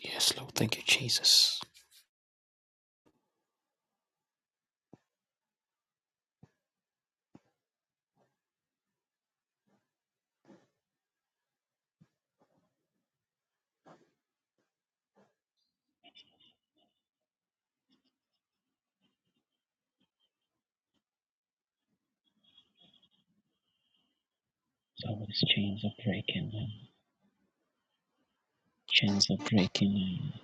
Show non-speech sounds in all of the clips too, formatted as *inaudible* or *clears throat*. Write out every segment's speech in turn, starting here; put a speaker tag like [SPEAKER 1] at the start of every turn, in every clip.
[SPEAKER 1] Yes, Lord. Thank you, Jesus. Somebody's chains are breaking now. Chains are breaking now.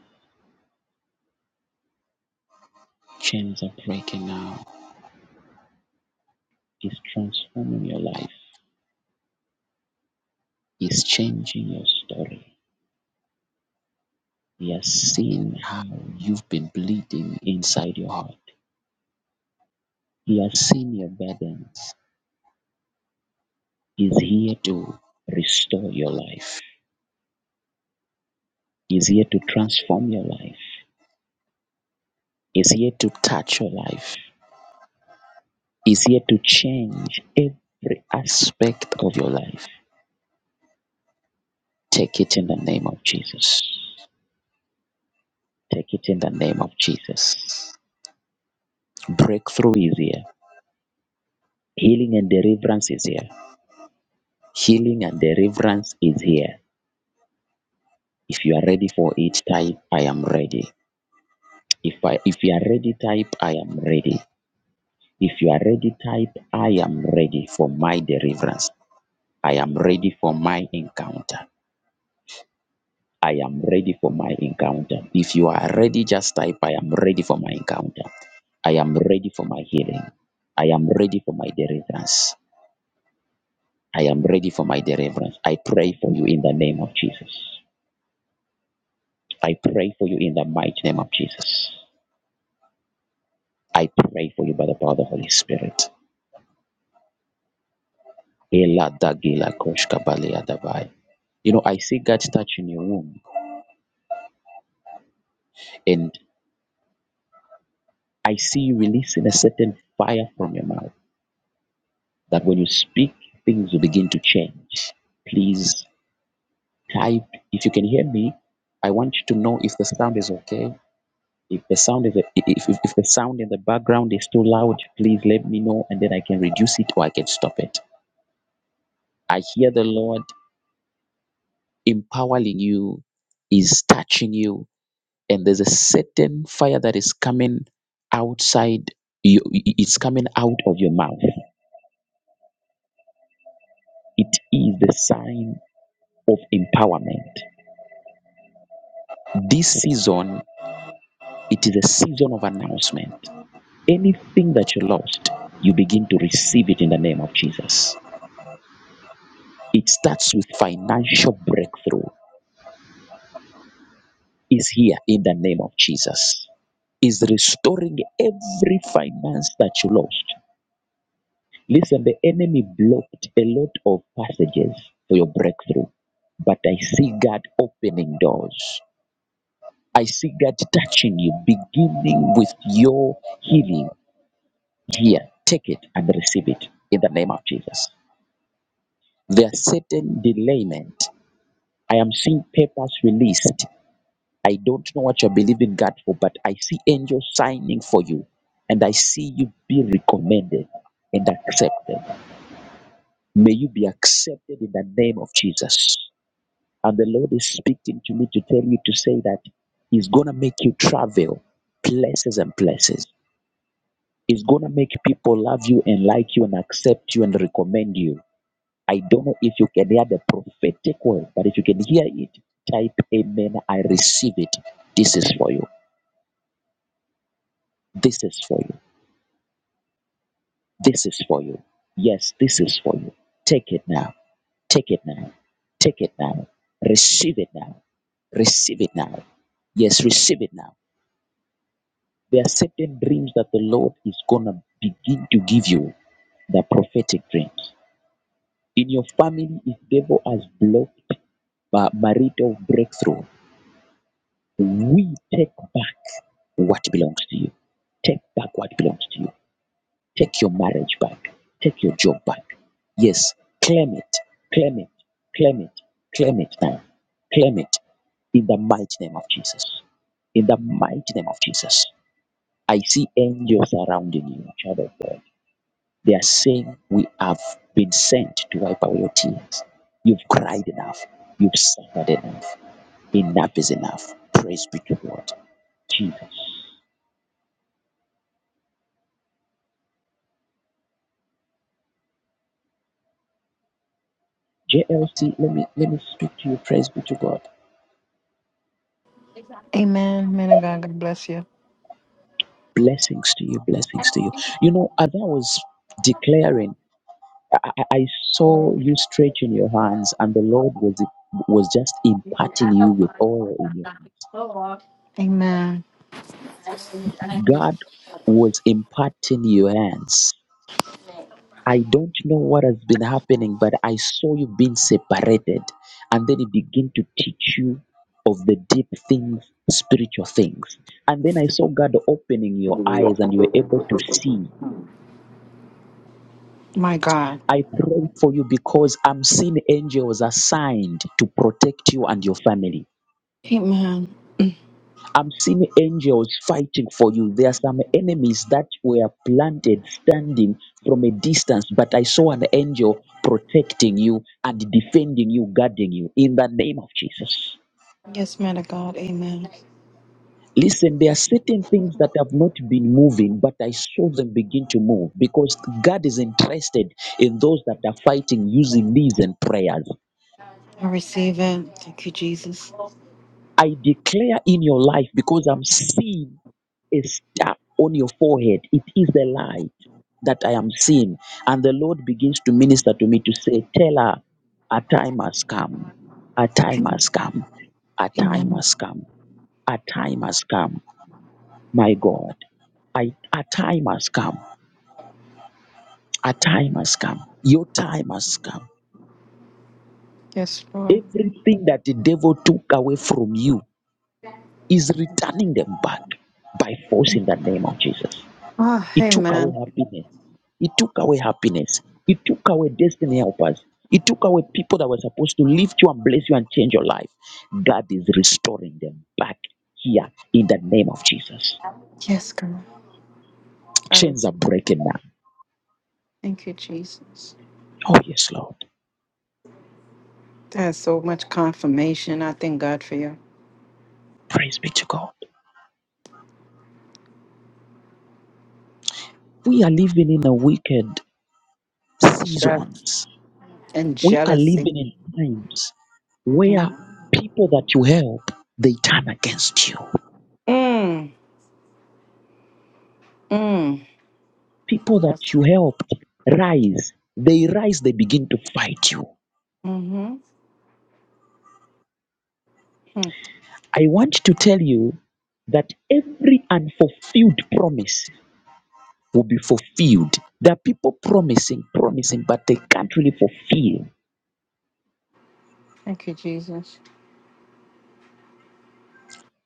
[SPEAKER 1] Chains are breaking now. He's transforming your life. He's changing your story. He has seen how you've been bleeding inside your heart. He has seen your burdens. He's here to restore your life. He's here to transform your life. He's here to touch your life. He's here to change every aspect of your life. Take it in the name of Jesus. Take it in the name of Jesus. Breakthrough is here. Healing and deliverance is here. Healing and deliverance is here. If you are ready for it, type I am ready. If I if you are ready, type I am ready. If you are ready, type I am ready for my deliverance. I am ready for my encounter. I am ready for my encounter. If you are ready, just type I am ready for my encounter. I am ready for my healing. I am ready for my deliverance. I am ready for my deliverance. I pray for you in the name of Jesus. I pray for you in the mighty name of Jesus. I pray for you by the power of the Holy Spirit. Ela dagila koshka balea davai. You know, I see God touching your womb, and I see you releasing a certain fire from your mouth that when you speak, things will begin to change. Please type if you can hear me. I want you to know if the sound is okay. If the sound is the, if, if, if the sound in the background is too loud, please let me know and then I can reduce it or I can stop it. I hear the Lord empowering you, is touching you, and there's a certain fire that is coming outside you it's coming out of your mouth. It is the sign of empowerment. This season, it is a season of announcement. Anything that you lost, you begin to receive it in the name of Jesus It starts with financial breakthrough. Is here in the name of Jesus. Is restoring every finance that you lost. Listen, the enemy blocked a lot of passages for your breakthrough, but I see God opening doors. I see God touching you, beginning with your healing. Here, take it and receive it in the name of Jesus. There are certain delayment. I am seeing papers released I don't know what you're believing God for, but I see angels signing for you, and I see you be recommended and accepted. May you be accepted in the name of Jesus. And the Lord is speaking to me to tell you to say that He's going to make you travel places and places. He's going to make people love you and like you and accept you and recommend you. I don't know if you can hear the prophetic word, but if you can hear it, type Amen. I receive it. This is for you. This is for you This is for you. Yes, this is for you. Take it now. Take it now. Take it now. Receive it now. Receive it now. Yes, receive it now. There are certain dreams that the Lord is going to begin to give you the prophetic dreams. In your family, if devil has blocked uh, marital breakthrough, we take back what belongs to you. Take back what belongs to you. Take your marriage back. Take your job back. Yes, claim it. Claim it. Claim it. Claim it now. Claim it in the mighty name of Jesus. In the mighty name of Jesus. I see angels surrounding you, child of God. They are saying, We have been sent to wipe away your tears. You've cried enough. You've suffered enough. Enough is enough. Praise be to God. Jesus. JLC, let me let me speak to you. Praise be to God.
[SPEAKER 2] Amen. Man of God, God bless you.
[SPEAKER 1] Blessings to you, blessings to you. You know, as I was declaring, I, I I saw you stretching your hands, and the Lord was was just imparting you with oil in your
[SPEAKER 2] Amen.
[SPEAKER 1] hand. God was imparting your hands. I don't know what has been happening, but I saw you being separated, and then He began to teach you of the deep things, spiritual things. And then I saw God opening your eyes, and you were able to see
[SPEAKER 2] My God.
[SPEAKER 1] I pray for you because I'm seeing angels assigned to protect you and your family.
[SPEAKER 2] Amen.
[SPEAKER 1] I'm seeing angels fighting for you. There are some enemies that were planted standing from a distance, but I saw an angel protecting you and defending you, guarding you in the name of Jesus.
[SPEAKER 2] Yes, man of God. Amen.
[SPEAKER 1] Listen, there are certain things that have not been moving, but I saw them begin to move because God is interested in those that are fighting using these and prayers.
[SPEAKER 2] I receive it. Thank you, Jesus.
[SPEAKER 1] I declare in your life because I'm seeing a star on your forehead. It is the light that I am seeing. And the Lord begins to minister to me to say, Tell her, a time has come. A time has come. A time
[SPEAKER 2] Amen.
[SPEAKER 1] has come. A time has come. My God, I, a time has come. A time has come. Your time has come.
[SPEAKER 2] Yes, Lord.
[SPEAKER 1] Everything that the devil took away from you is returning them back by force in the name of Jesus.
[SPEAKER 2] Ah,
[SPEAKER 1] It took away
[SPEAKER 2] amen.
[SPEAKER 1] happiness. It took away happiness. It took away destiny helpers. It took away people that were supposed to lift you and bless you and change your life. God is restoring them back here in the name of Jesus.
[SPEAKER 2] Yes, God. I
[SPEAKER 1] Chains are
[SPEAKER 2] receive.
[SPEAKER 1] breaking now.
[SPEAKER 2] Thank you, Jesus.
[SPEAKER 1] Oh, yes, Lord.
[SPEAKER 2] There's so much confirmation. I thank God for you.
[SPEAKER 1] Praise be to God. We are living in a wicked
[SPEAKER 2] Sure.
[SPEAKER 1] seasons.
[SPEAKER 2] And
[SPEAKER 1] We are
[SPEAKER 2] jealousy.
[SPEAKER 1] living in times where
[SPEAKER 2] Mhm.
[SPEAKER 1] people that you help, they turn against you.
[SPEAKER 2] Mm. Mm.
[SPEAKER 1] people
[SPEAKER 2] Yes.
[SPEAKER 1] that you helped rise. They rise, they begin to fight you.
[SPEAKER 2] Mm-hmm. mm.
[SPEAKER 1] I want to tell you that every unfulfilled promise will be fulfilled. There are people promising, promising, but they can't really fulfill.
[SPEAKER 2] Thank you, Jesus.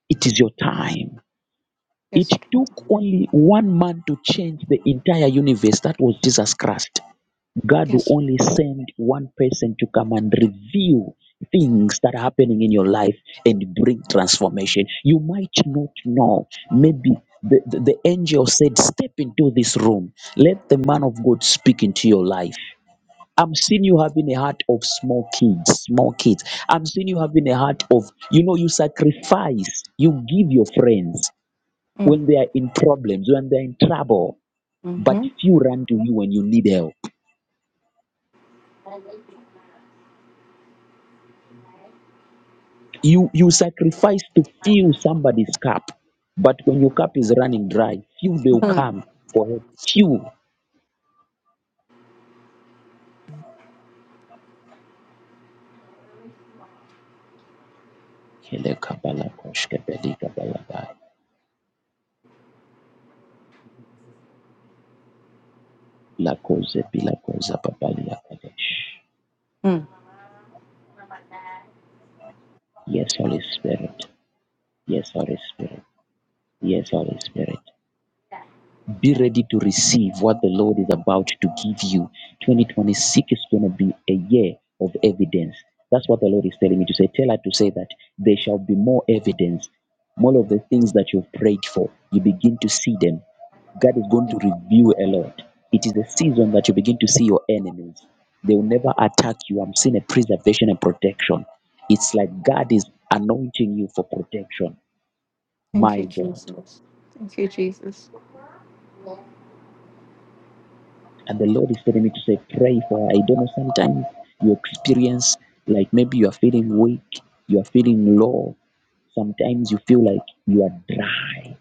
[SPEAKER 1] It is your time. It
[SPEAKER 2] Yes. Lord.
[SPEAKER 1] took only one man to change the entire universe. That was Jesus Christ. God will
[SPEAKER 2] Yes.
[SPEAKER 1] only send one person to come and reveal things that are happening in your life and bring transformation. You might not know. Maybe the, the, the angel said, Step into this room. Let the man of God speak into your life. I'm seeing you having a heart of small kids, small kids. I'm seeing you having a heart of, you know, you sacrifice, you give your friends
[SPEAKER 2] Mm.
[SPEAKER 1] when they are in problems, when they're in trouble, but
[SPEAKER 2] Mm-hmm.
[SPEAKER 1] few run to you when you need help. You you sacrifice to fill somebody's cup, but when your cup is running dry, few will
[SPEAKER 2] mm,
[SPEAKER 1] come for help. Few. Kele kabala koshke beli kabala gai. La koze bila koza babali ya kadesh.
[SPEAKER 2] mm.
[SPEAKER 1] Yes, Holy Spirit. Yes, Holy Spirit. Yes, Holy Spirit. Be ready to receive what the Lord is about to give you. 2026 is going to be a year of evidence. That's what the Lord is telling me to say. Tell her to say that there shall be more evidence. More of the things that you've prayed for, you begin to see them. God is going to reveal a lot. It is a season that you begin to see your enemies. They will never attack you. I'm seeing a preservation and protection. It's like God is anointing you for protection.
[SPEAKER 2] Thank you,
[SPEAKER 1] My God.
[SPEAKER 2] Jesus. Thank you, Jesus.
[SPEAKER 1] And the Lord is telling me to say, pray for her. I don't know. Sometimes you experience like maybe you are feeling weak, you are feeling low. Sometimes you feel like you are dry.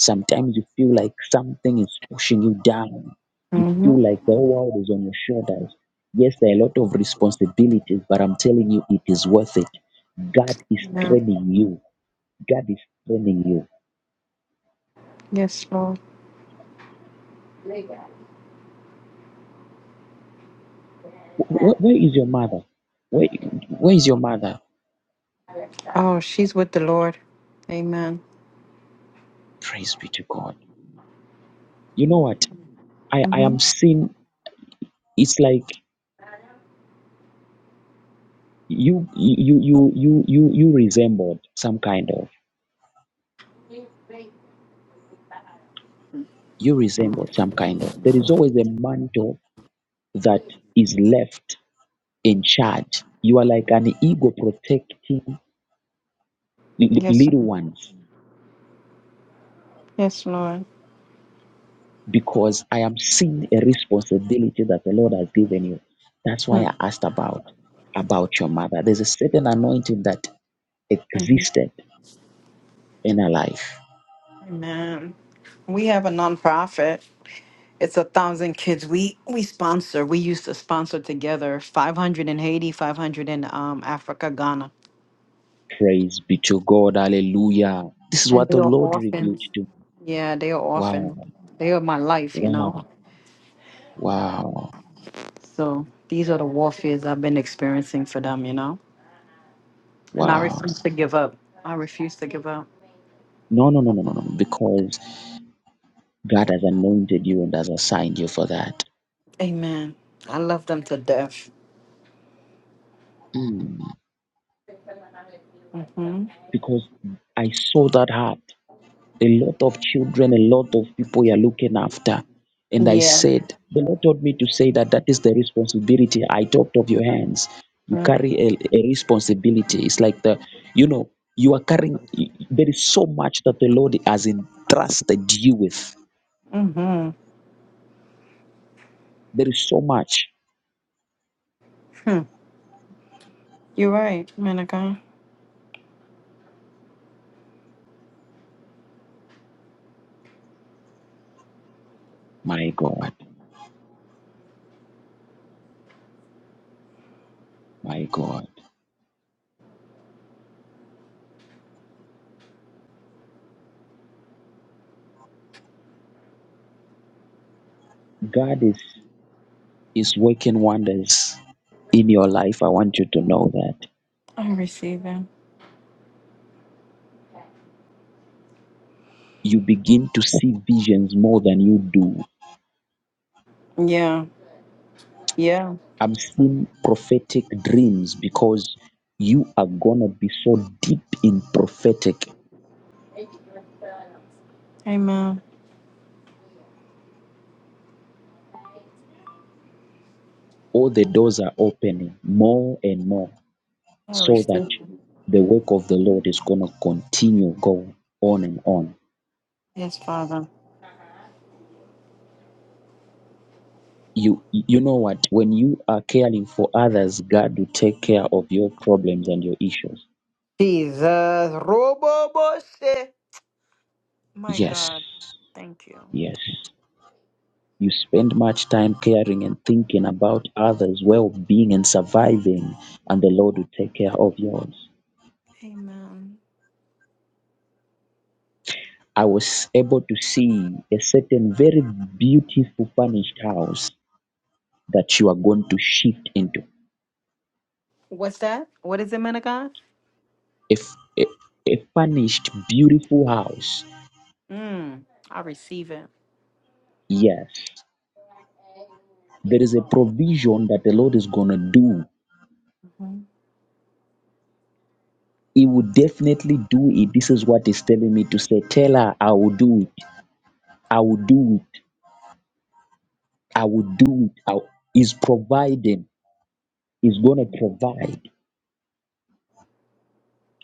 [SPEAKER 1] Sometimes you feel like something is pushing you down. You
[SPEAKER 2] hmm
[SPEAKER 1] feel like the whole world is on your shoulders. Yes, there are a lot of responsibilities, but I'm telling you, it is worth it. God is
[SPEAKER 2] Yeah.
[SPEAKER 1] training you. God is training you.
[SPEAKER 2] Yes, Lord.
[SPEAKER 1] Wh- wh- where is your mother? Where, where is your mother?
[SPEAKER 2] Oh, she's with the Lord. Amen.
[SPEAKER 1] Praise be to God. You know what? I, I
[SPEAKER 2] hmm
[SPEAKER 1] am seeing it's like you you you you you you resembled some kind of you resembled some kind of there is always a mantle that is left in charge. You are like an ego protecting li- li-
[SPEAKER 2] Yes,
[SPEAKER 1] little
[SPEAKER 2] Lord.
[SPEAKER 1] ones
[SPEAKER 2] yes, Lord.
[SPEAKER 1] because I am seeing a responsibility that the Lord has given you. That's why
[SPEAKER 2] Hmm.
[SPEAKER 1] I asked about about your mother. There's a certain anointing that
[SPEAKER 2] Mm-hmm.
[SPEAKER 1] existed in her life
[SPEAKER 2] Amen. We have a nonprofit. It's a thousand kids. We we sponsor. We used to sponsor together. Five hundred in Haiti, five hundred in um, Africa, Ghana,
[SPEAKER 1] Praise be to God. Hallelujah. This is
[SPEAKER 2] and
[SPEAKER 1] what
[SPEAKER 2] they
[SPEAKER 1] the
[SPEAKER 2] are
[SPEAKER 1] Lord revealed
[SPEAKER 2] orphans.
[SPEAKER 1] to me.
[SPEAKER 2] Yeah, they are
[SPEAKER 1] Wow.
[SPEAKER 2] orphans. They are my life, you
[SPEAKER 1] Wow.
[SPEAKER 2] know.
[SPEAKER 1] Wow.
[SPEAKER 2] So these are the warfares I've been experiencing for them, you know. And I
[SPEAKER 1] Wow.
[SPEAKER 2] refuse to give up. I refuse to give up.
[SPEAKER 1] No, no, no, no, no, no. Because God has anointed you and has assigned you for that.
[SPEAKER 2] Amen. I love them to death.
[SPEAKER 1] Mm.
[SPEAKER 2] hmm
[SPEAKER 1] Because I saw that heart. a lot of children, a lot of people you're looking after. And I
[SPEAKER 2] Yeah.
[SPEAKER 1] said, the Lord told me to say that that is the responsibility I talked of your hands. You carry a, a responsibility. It's like the, you know, you are carrying, there is so much that the Lord has entrusted you with.
[SPEAKER 2] Mm-hmm.
[SPEAKER 1] There is so much.
[SPEAKER 2] Hmm. You're right, Monica.
[SPEAKER 1] My God, my God. God is, is working wonders in your life. I want you to know that.
[SPEAKER 2] I receive it.
[SPEAKER 1] You begin to see visions more than you do
[SPEAKER 2] Yeah. Yeah.
[SPEAKER 1] I'm seeing prophetic dreams because you are going to be so deep in prophetic.
[SPEAKER 2] Amen.
[SPEAKER 1] All the doors are opening more and more
[SPEAKER 2] I
[SPEAKER 1] so that
[SPEAKER 2] receive it.
[SPEAKER 1] the work of the Lord is going to continue go on and on.
[SPEAKER 2] Yes, Father.
[SPEAKER 1] You you know what when you are caring for others God will take care of your problems and your issues.
[SPEAKER 2] Jesus. Robo Boshe. My
[SPEAKER 1] Yes.
[SPEAKER 2] God. Thank you.
[SPEAKER 1] Yes. You spend much time caring and thinking about others' well-being and surviving and the Lord will take care of yours.
[SPEAKER 2] Amen.
[SPEAKER 1] I was able to see a certain very beautiful furnished house that you are going to shift into.
[SPEAKER 2] What's that? What is it, man of God?
[SPEAKER 1] If a, a furnished, beautiful house,
[SPEAKER 2] Mm, I receive it.
[SPEAKER 1] yes, there is a provision that the Lord is going to do.
[SPEAKER 2] Mhm.
[SPEAKER 1] He will definitely do it. This is what He's telling me to say. Tell her, I will do it. I will do it. I will do it. I will-" He's providing. He's going to
[SPEAKER 2] Amen.
[SPEAKER 1] provide.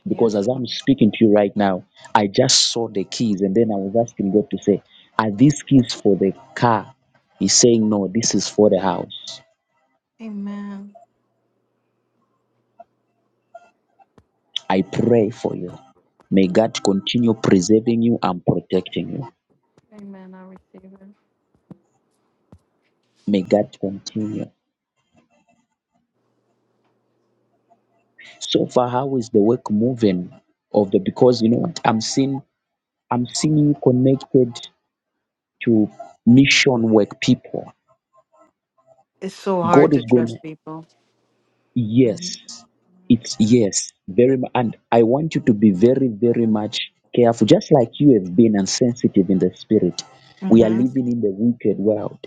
[SPEAKER 1] Because
[SPEAKER 2] Yes,
[SPEAKER 1] as I'm
[SPEAKER 2] Lord.
[SPEAKER 1] speaking to you right now, I just saw the keys and then I was asking God to say, Are these keys for the car? He's saying, No, this is for the house.
[SPEAKER 2] Amen.
[SPEAKER 1] I pray for you. May God continue preserving you and protecting you.
[SPEAKER 2] Amen. I receive it.
[SPEAKER 1] May God continue. So far, how is the work moving? Of the because you know what I'm seeing, I'm seeing you connected to mission work people.
[SPEAKER 2] It's so hard
[SPEAKER 1] God
[SPEAKER 2] to
[SPEAKER 1] is going.
[SPEAKER 2] trust people. hmm
[SPEAKER 1] Yes, it's yes, very much. And I want you to be very, very much careful, just like you have been insensitive in the spirit. We are
[SPEAKER 2] hmm
[SPEAKER 1] living in the wicked world.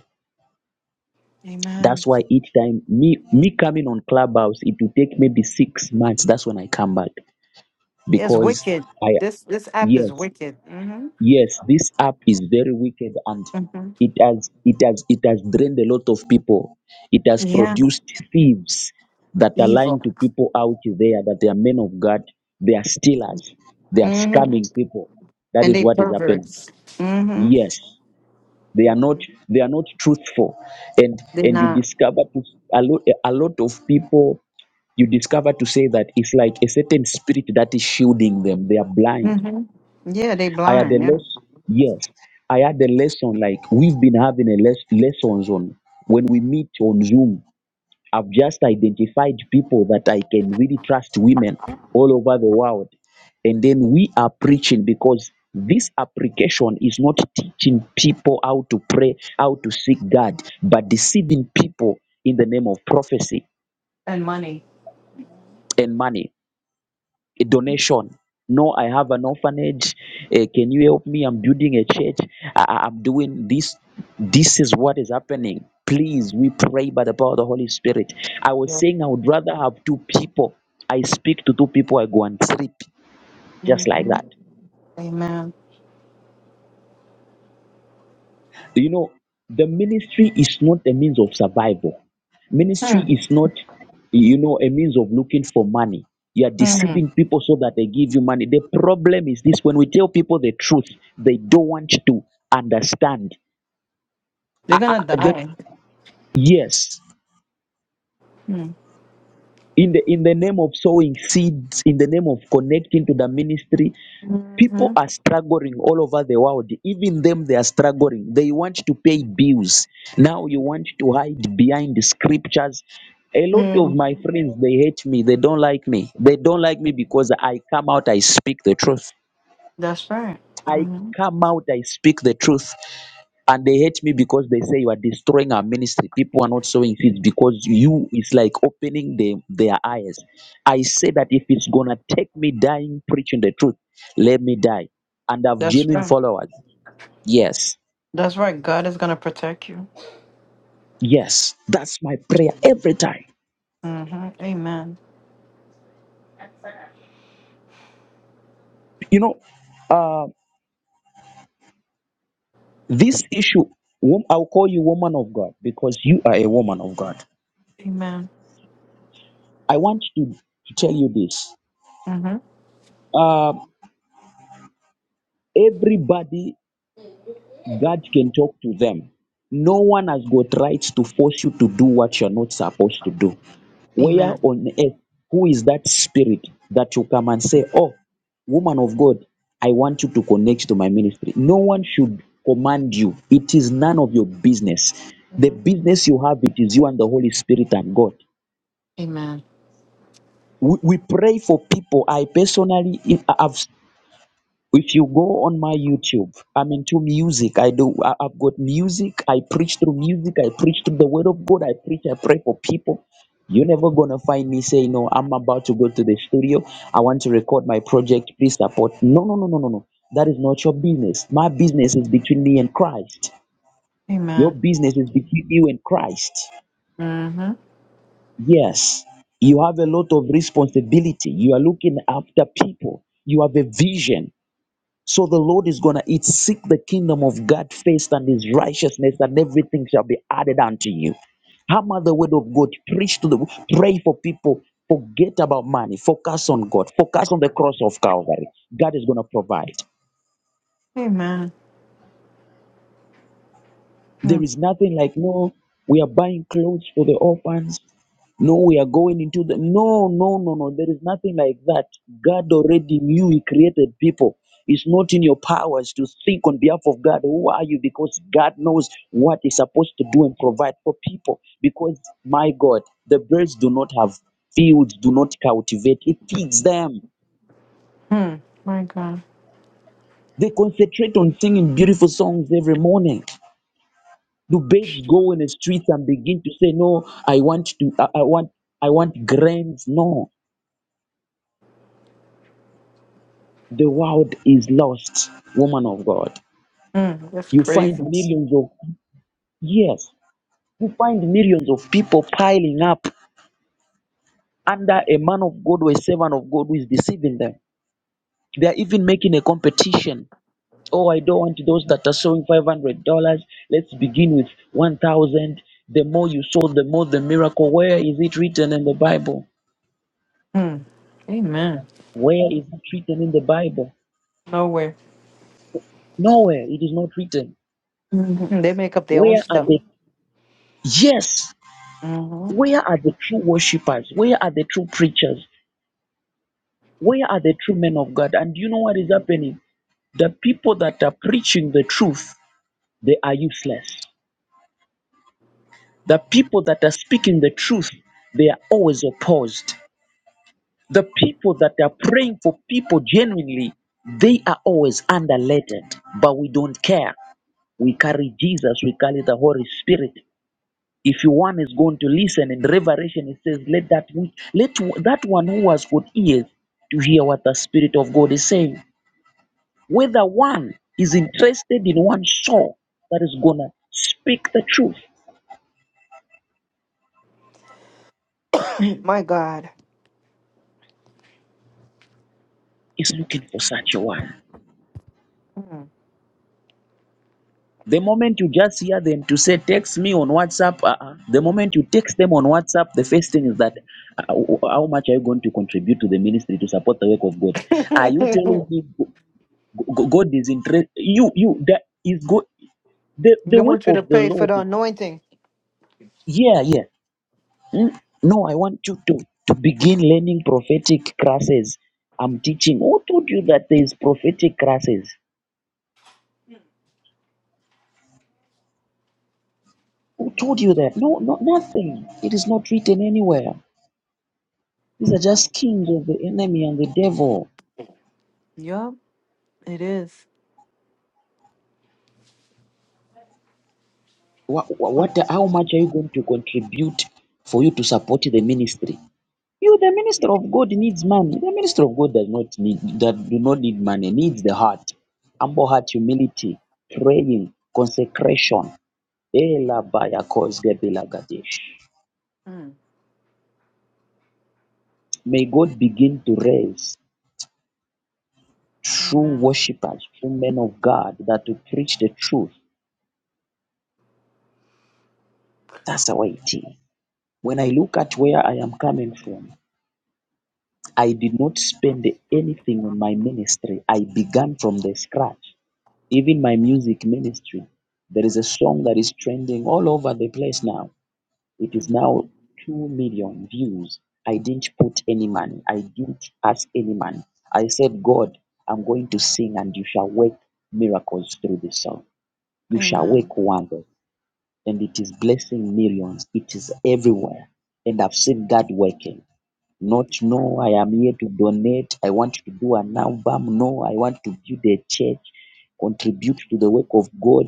[SPEAKER 2] Amen.
[SPEAKER 1] That's why each time me me coming on Clubhouse, it will take maybe six months. That's when I come back
[SPEAKER 2] Yeah, it's
[SPEAKER 1] because
[SPEAKER 2] wicked.
[SPEAKER 1] I
[SPEAKER 2] This this app is
[SPEAKER 1] yes
[SPEAKER 2] wicked. hmm
[SPEAKER 1] yes this app is very wicked and
[SPEAKER 2] hmm
[SPEAKER 1] it has it has it has drained a lot of people it has
[SPEAKER 2] Yeah,
[SPEAKER 1] produced thieves that are lying
[SPEAKER 2] evil.
[SPEAKER 1] to people out there that they are men of god they are stealers they are
[SPEAKER 2] hmm
[SPEAKER 1] scamming people that
[SPEAKER 2] And
[SPEAKER 1] is
[SPEAKER 2] they
[SPEAKER 1] what is happening
[SPEAKER 2] perverts. hmm
[SPEAKER 1] yes they are not
[SPEAKER 2] hmm
[SPEAKER 1] they are not truthful and
[SPEAKER 2] They're
[SPEAKER 1] and you
[SPEAKER 2] not.
[SPEAKER 1] discover to, a, lot, a lot of people you discover to say that it's like a certain spirit that is shielding them they are blind
[SPEAKER 2] hmm Yeah, they
[SPEAKER 1] I had a
[SPEAKER 2] blind. Yeah,
[SPEAKER 1] lesson. Yes, I had a lesson. Like we've been having a les- lessons on when we meet on Zoom. I've just identified people that I can really trust women all over the world, and then we are preaching because this application is not teaching people how to pray, how to seek God, but deceiving people in the name of prophecy
[SPEAKER 2] and money.
[SPEAKER 1] and money. a donation. No, I have an orphanage. Eh, can you help me? I'm building a church. I, I- I'm doing this. This is what is happening. Please, we pray by the power of the Holy Spirit. I was
[SPEAKER 2] Yeah.
[SPEAKER 1] saying I would rather have two people. I speak to two people, I go and sleep just like
[SPEAKER 2] hmm
[SPEAKER 1] that.
[SPEAKER 2] Amen.
[SPEAKER 1] You know, the ministry is not a means of survival. Ministry
[SPEAKER 2] Mm.
[SPEAKER 1] is not, you know, a means of looking for money. You are
[SPEAKER 2] Mhm.
[SPEAKER 1] deceiving people so that they give you money. The problem is this when we tell people the truth, they don't want to understand. I,
[SPEAKER 2] They're
[SPEAKER 1] I,
[SPEAKER 2] gonna
[SPEAKER 1] the,
[SPEAKER 2] die.
[SPEAKER 1] yes,
[SPEAKER 2] Hmm.
[SPEAKER 1] in the in the name of sowing seeds, in the name of connecting to the ministry, people
[SPEAKER 2] Mm-hmm.
[SPEAKER 1] are struggling all over the world even them they are struggling they want to pay bills now you want to hide behind the scriptures a lot of my
[SPEAKER 2] Mm-hmm.
[SPEAKER 1] friends they hate me they don't like me they don't like me because i come out i speak the truth
[SPEAKER 2] That's right.
[SPEAKER 1] I
[SPEAKER 2] hmm
[SPEAKER 1] come out, I speak the truth, and they hate me because they say you are destroying our ministry. People are not sowing seeds because you is like opening the, their eyes. I say that if it's gonna take me dying preaching the truth, let me die, and have
[SPEAKER 2] That's
[SPEAKER 1] genuine
[SPEAKER 2] right.
[SPEAKER 1] followers. Yes,
[SPEAKER 2] That's right. God is gonna protect you.
[SPEAKER 1] yes, that's my prayer every time.
[SPEAKER 2] hmm Amen.
[SPEAKER 1] You know, uh, this issue. wom- I'll call you woman of God because you are a woman of God.
[SPEAKER 2] Amen.
[SPEAKER 1] I want to, to tell you this.
[SPEAKER 2] hmm
[SPEAKER 1] Um everybody God can talk to them. No one has got rights to force you to do what you're not supposed to do. Where
[SPEAKER 2] Amen.
[SPEAKER 1] on earth, who is that spirit that you come and say, Oh, woman of God, I want you to connect to my ministry? No one should command you. It is none of your business. The
[SPEAKER 2] hmm
[SPEAKER 1] business you have, it is you and the Holy Spirit and God.
[SPEAKER 2] Amen.
[SPEAKER 1] We, we pray for people. I personally, I- have if you go on my youtube i'm into music i do I, i've got music i preach through music i preach through the word of god i preach i pray for people you're never gonna find me say no i'm about to go to the studio i want to record my project please support no no no no no no that is not your business my business is between me and christ your
[SPEAKER 2] Amen.
[SPEAKER 1] business is between you and christ
[SPEAKER 2] hmm
[SPEAKER 1] yes you have a lot of responsibility you are looking after people you have a vision so the Lord is going to eat, seek the kingdom of God first and his righteousness, and everything shall be added unto you. Hammer the word of God, preach to the pray for people, forget about money, focus on God, focus on the cross of Calvary. God is going to provide.
[SPEAKER 2] Amen. hmm
[SPEAKER 1] There is nothing like, no, we are buying clothes for the orphans. No, we are going into the. No, no, no, no. There is nothing like that. God already knew He created people. It's not in your powers to think on behalf of God. Who are you? Because God knows what He's supposed to do and provide for people. Because, my God, the birds do not have fields, do not cultivate. It feeds them.
[SPEAKER 2] My God.
[SPEAKER 1] They concentrate on singing beautiful songs every morning. Do birds go in the streets and begin to say, "No, I want to. I, I want. I want grains." No, The world is lost, woman of God.
[SPEAKER 2] Mm. That's
[SPEAKER 1] You find
[SPEAKER 2] crazy.
[SPEAKER 1] millions of yes, you find millions of people piling up under a man of God or a servant of God who is deceiving them. They are even making a competition. Oh, I don't want those that are sowing five hundred dollars. Let's begin with one thousand. The more you sow, the more the miracle. Where is it written in the Bible?
[SPEAKER 2] Mm. Amen.
[SPEAKER 1] Where is it written in the Bible?
[SPEAKER 2] Nowhere.
[SPEAKER 1] Nowhere. It is not written.
[SPEAKER 2] Mhm. They make up their own
[SPEAKER 1] Where are
[SPEAKER 2] stuff.
[SPEAKER 1] the yes?
[SPEAKER 2] hmm
[SPEAKER 1] Where are the true worshippers? Where are the true preachers? Where are the true men of God? And do you know what is happening? The people that are preaching the truth, they are useless. The people that are speaking the truth, they are always opposed. The people that are praying for people genuinely, they are always underrated. But we don't care. We carry Jesus, we carry the Holy Spirit, if one is going to listen in revelation it says let that which let that one who has got ears to hear what the spirit of god is saying whether one is interested in one soul that is gonna speak the truth
[SPEAKER 2] *clears throat* My God.
[SPEAKER 1] is looking for such a one
[SPEAKER 2] Mm.
[SPEAKER 1] the moment you just hear them to say text me on whatsapp uh-uh. the moment you text them on whatsapp the first thing is that uh, how much are you going to contribute to the ministry to support the work of god are you telling
[SPEAKER 2] *laughs*
[SPEAKER 1] me g- g- god is interested you you that is good the
[SPEAKER 2] they
[SPEAKER 1] the work
[SPEAKER 2] want you to
[SPEAKER 1] of the
[SPEAKER 2] pay for
[SPEAKER 1] lord
[SPEAKER 2] the anointing.
[SPEAKER 1] yeah yeah Mm. no i want you to to begin learning prophetic classes i'm teaching who told you that there is prophetic classes who told you that no no nothing it is not written anywhere these
[SPEAKER 2] My
[SPEAKER 1] are
[SPEAKER 2] God.
[SPEAKER 1] just schemes of the enemy and the devil
[SPEAKER 2] Yup, it is.
[SPEAKER 1] what,
[SPEAKER 2] Mm.
[SPEAKER 1] what how much are you going to contribute for you to support the ministry You, the minister of God needs money. The minister of God does not need that do not need money, needs the heart. Humble heart, humility, praying, consecration. Ela baya kos gebela gade.
[SPEAKER 2] Mm.
[SPEAKER 1] May God begin to raise true
[SPEAKER 2] Amen.
[SPEAKER 1] worshippers, true men of God that to preach the truth. That's how it is. When I look at where I am coming from, I did not spend anything on my ministry. I began from the scratch. Even my music ministry, there is a song that is trending all over the place now. It is
[SPEAKER 2] Mm.
[SPEAKER 1] now 2 million views. I didn't put any money, I didn't ask any money. I said, God, I'm going to sing and you shall work miracles through this song. You shall
[SPEAKER 2] Amen.
[SPEAKER 1] work wonders. And it is blessing millions, it is everywhere. And I've seen God working not no i am here to donate i want to do an album no i want to build a church contribute to the work of God,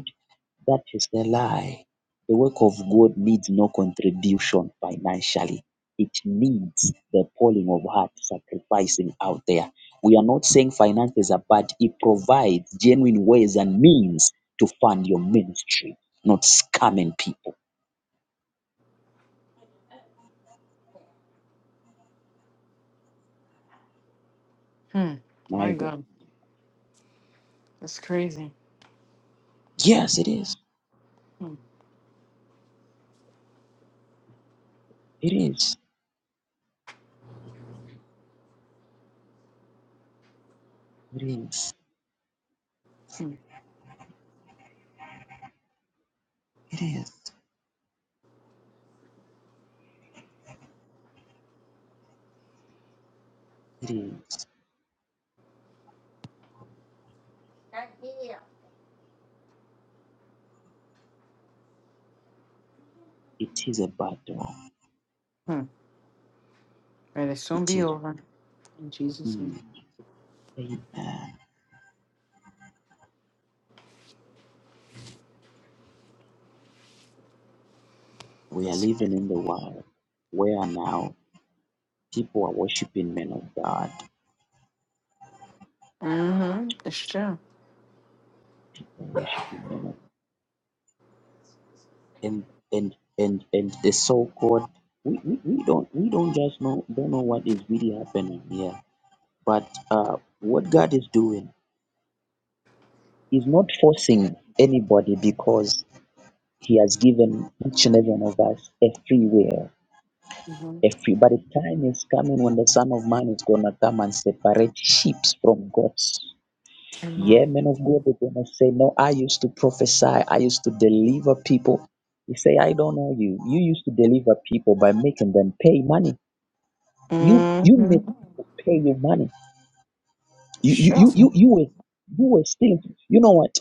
[SPEAKER 1] that is a lie. The work of God needs no contribution financially. It needs the pulling of heart, sacrificing out there. We are not saying finances are bad. It provides genuine ways and means to fund your ministry, not scamming people.
[SPEAKER 2] Hmm.
[SPEAKER 1] My
[SPEAKER 2] My
[SPEAKER 1] God.
[SPEAKER 2] God, that's crazy.
[SPEAKER 1] Yes, it is.
[SPEAKER 2] Mm.
[SPEAKER 1] It is. It is. It is. It is. It is a battle.
[SPEAKER 2] Hmm. It'll soon
[SPEAKER 1] It
[SPEAKER 2] be
[SPEAKER 1] is.
[SPEAKER 2] over. In Jesus' name.
[SPEAKER 1] Mm. Amen. We are living in the world where now people are worshiping men of God,
[SPEAKER 2] Mm-hmm. It's true.
[SPEAKER 1] they're worshiping men of and and and and the so-called we, we, we don't we don't just know don't know what is really happening here. But uh, what God is doing is not forcing anybody because He has given each and every one of us a free will.
[SPEAKER 2] Mm-hmm.
[SPEAKER 1] A free, but the time is coming when the Son of Man is gonna come and separate sheep from goats Yeah,
[SPEAKER 2] Amen.
[SPEAKER 1] men of God are gonna say, No, I used to prophesy, I used to deliver people. You say, I don't know you. You used to deliver people by making them pay money. You you made
[SPEAKER 2] Mm-hmm.
[SPEAKER 1] people pay you money.
[SPEAKER 2] It's
[SPEAKER 1] You you
[SPEAKER 2] true.
[SPEAKER 1] you you, you were you were stealing. You know what?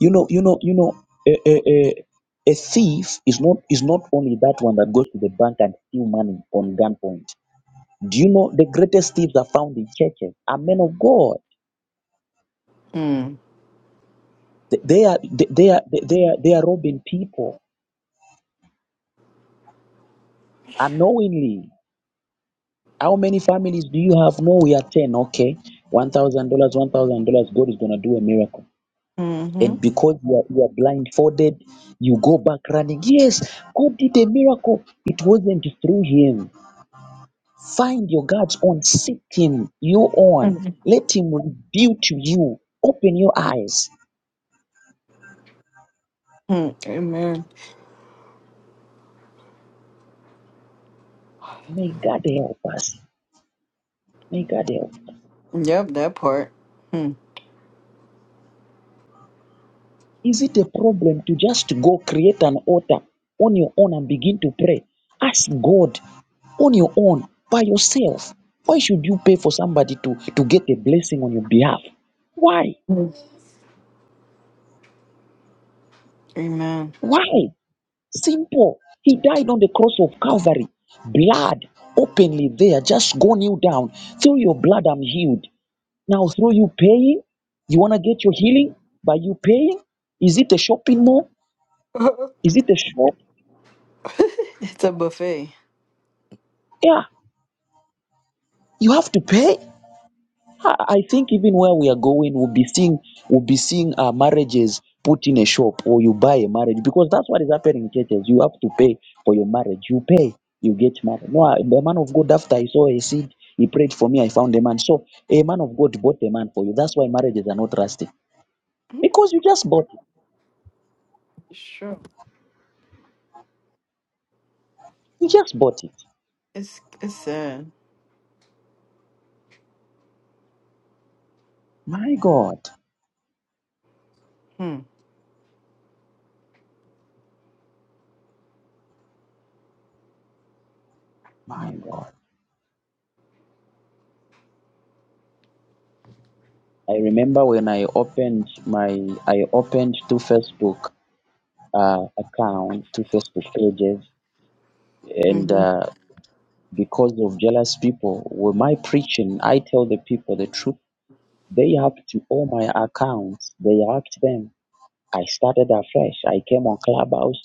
[SPEAKER 1] You know, you know, you know, a, a, a, a thief is not is not only that one that goes to the bank and steal money on gunpoint. Do you know the greatest thieves are found in churches? Are men of God.
[SPEAKER 2] Mm.
[SPEAKER 1] They they are they they are they they are they are robbing people unknowingly. How many families do you have? No, we are 10. Okay. $1,000, $1,000. God is going to do a miracle.
[SPEAKER 2] Mm-hmm.
[SPEAKER 1] And because you are, you are blindfolded, you go back running. Yes, God did a miracle. It wasn't through him. Find your God's own. Seek him, your own. Let him reveal to you. Open your eyes.
[SPEAKER 2] Hmm. Amen.
[SPEAKER 1] May God help us. May God help
[SPEAKER 2] Yep, that part. Hmm.
[SPEAKER 1] Is it a problem to just go create an altar on your own and begin to pray? Ask God on your own by yourself. Why should you pay for somebody to, to get a blessing on your behalf? Why?
[SPEAKER 2] Amen.
[SPEAKER 1] Why? Simple. He died on the cross of Calvary, blood openly there, just go kneel down. Through your blood, I'm healed. Now, through you paying, you want to get your healing by you paying? Is it a shopping mall?
[SPEAKER 2] *laughs*
[SPEAKER 1] Is it a shop?
[SPEAKER 2] it's a buffet.
[SPEAKER 1] Yeah, you have to pay. I I think even where we are going, we'll be seeing we'll be seeing uh, marriages put in a shop, or you buy a marriage because that's what is happening in churches. You have to pay for your marriage. You pay, you get married. No, I, the man of God after I saw a seed, he prayed for me. I found a man. So a man of God bought a man for you. That's why marriages are not lasting because you just bought it.
[SPEAKER 2] Sure.
[SPEAKER 1] You just bought it.
[SPEAKER 2] It's it's sad.
[SPEAKER 1] My God,
[SPEAKER 2] Hmm.
[SPEAKER 1] my God. I remember when I opened my I opened two Facebook uh, account, two Facebook pages, and.
[SPEAKER 2] Mm-hmm.
[SPEAKER 1] Uh, because of jealous people. With my preaching, I tell the people the truth. They have to all my accounts. They hacked them. I started afresh. I came on Clubhouse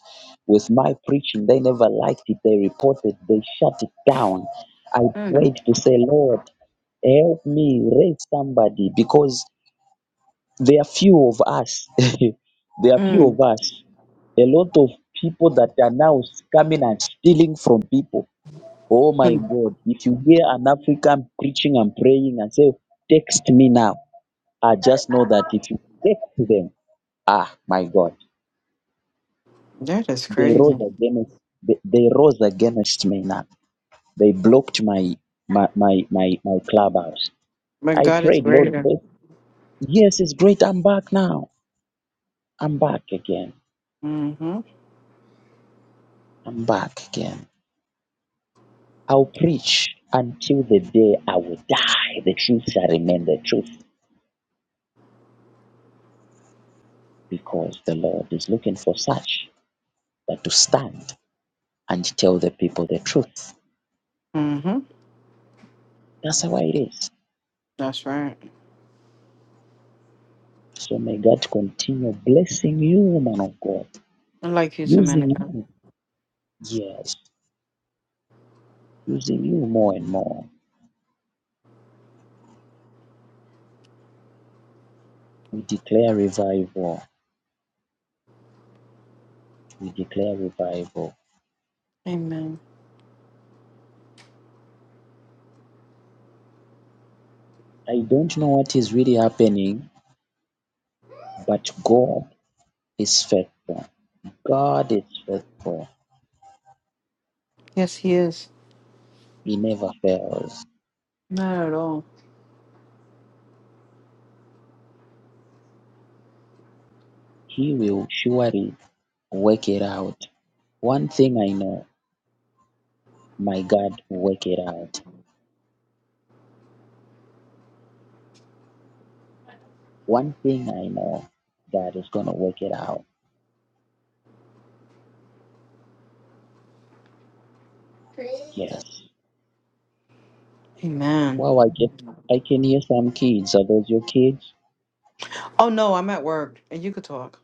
[SPEAKER 1] with my preaching. They never liked it. They reported. They shut it down. I
[SPEAKER 2] Mm.
[SPEAKER 1] prayed to say, Lord, help me raise somebody because there are few of us. *laughs* there are few
[SPEAKER 2] Mm.
[SPEAKER 1] of us. A lot of people that are now coming and stealing from people Oh my
[SPEAKER 2] Hmm.
[SPEAKER 1] God, if you hear an African preaching and praying and say, Text me now, I just know that if you text them, ah, my God,
[SPEAKER 2] That is
[SPEAKER 1] they rose
[SPEAKER 2] crazy.
[SPEAKER 1] against, they, they rose against me now. They blocked my, my, my, my, my clubhouse.
[SPEAKER 2] But
[SPEAKER 1] I
[SPEAKER 2] God is
[SPEAKER 1] prayed, Lord,
[SPEAKER 2] greater.
[SPEAKER 1] but yes, it's great. I'm back now. I'm back again.
[SPEAKER 2] Mm-hmm.
[SPEAKER 1] I'm back again. I'll preach until the day I will die. The truth shall remain the truth because the Lord is looking for such. but to stand and tell the people the truth.
[SPEAKER 2] Mm-hmm.
[SPEAKER 1] That's how it is.
[SPEAKER 2] That's right.
[SPEAKER 1] So may God continue blessing you, woman of God,
[SPEAKER 2] I like you,
[SPEAKER 1] using
[SPEAKER 2] Samantha.
[SPEAKER 1] you, yes, using you more and more. We declare revival. We declare revival.
[SPEAKER 2] Amen.
[SPEAKER 1] I don't know what is really happening, but God is faithful. God is faithful.
[SPEAKER 2] Yes, he is.
[SPEAKER 1] He never fails.
[SPEAKER 2] Not at all.
[SPEAKER 1] He will surely work it out. One thing I know, my God will work it out. One thing I know, God is gonna work it out. Yes.
[SPEAKER 2] Amen.
[SPEAKER 1] Wow, I get I can hear some kids. Are those your kids?
[SPEAKER 2] Oh no, I'm at work and you could talk.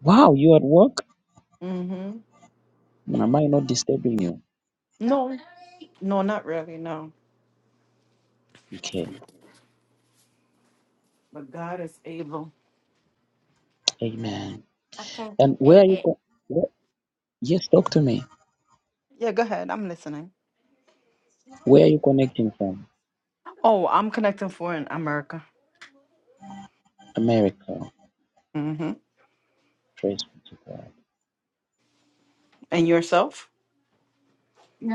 [SPEAKER 1] Wow, you at work?
[SPEAKER 2] Mm-hmm.
[SPEAKER 1] Am I not disturbing you?
[SPEAKER 2] No. No, not really, no.
[SPEAKER 1] Okay.
[SPEAKER 2] But God is able.
[SPEAKER 1] Amen. And where are you co- where, yes, talk to me.
[SPEAKER 2] Yeah, go ahead. I'm listening.
[SPEAKER 1] Where are you connecting from?
[SPEAKER 2] Oh, I'm connecting for in America.
[SPEAKER 1] America.
[SPEAKER 2] Mm-hmm.
[SPEAKER 1] Praise be to God.
[SPEAKER 2] And yourself?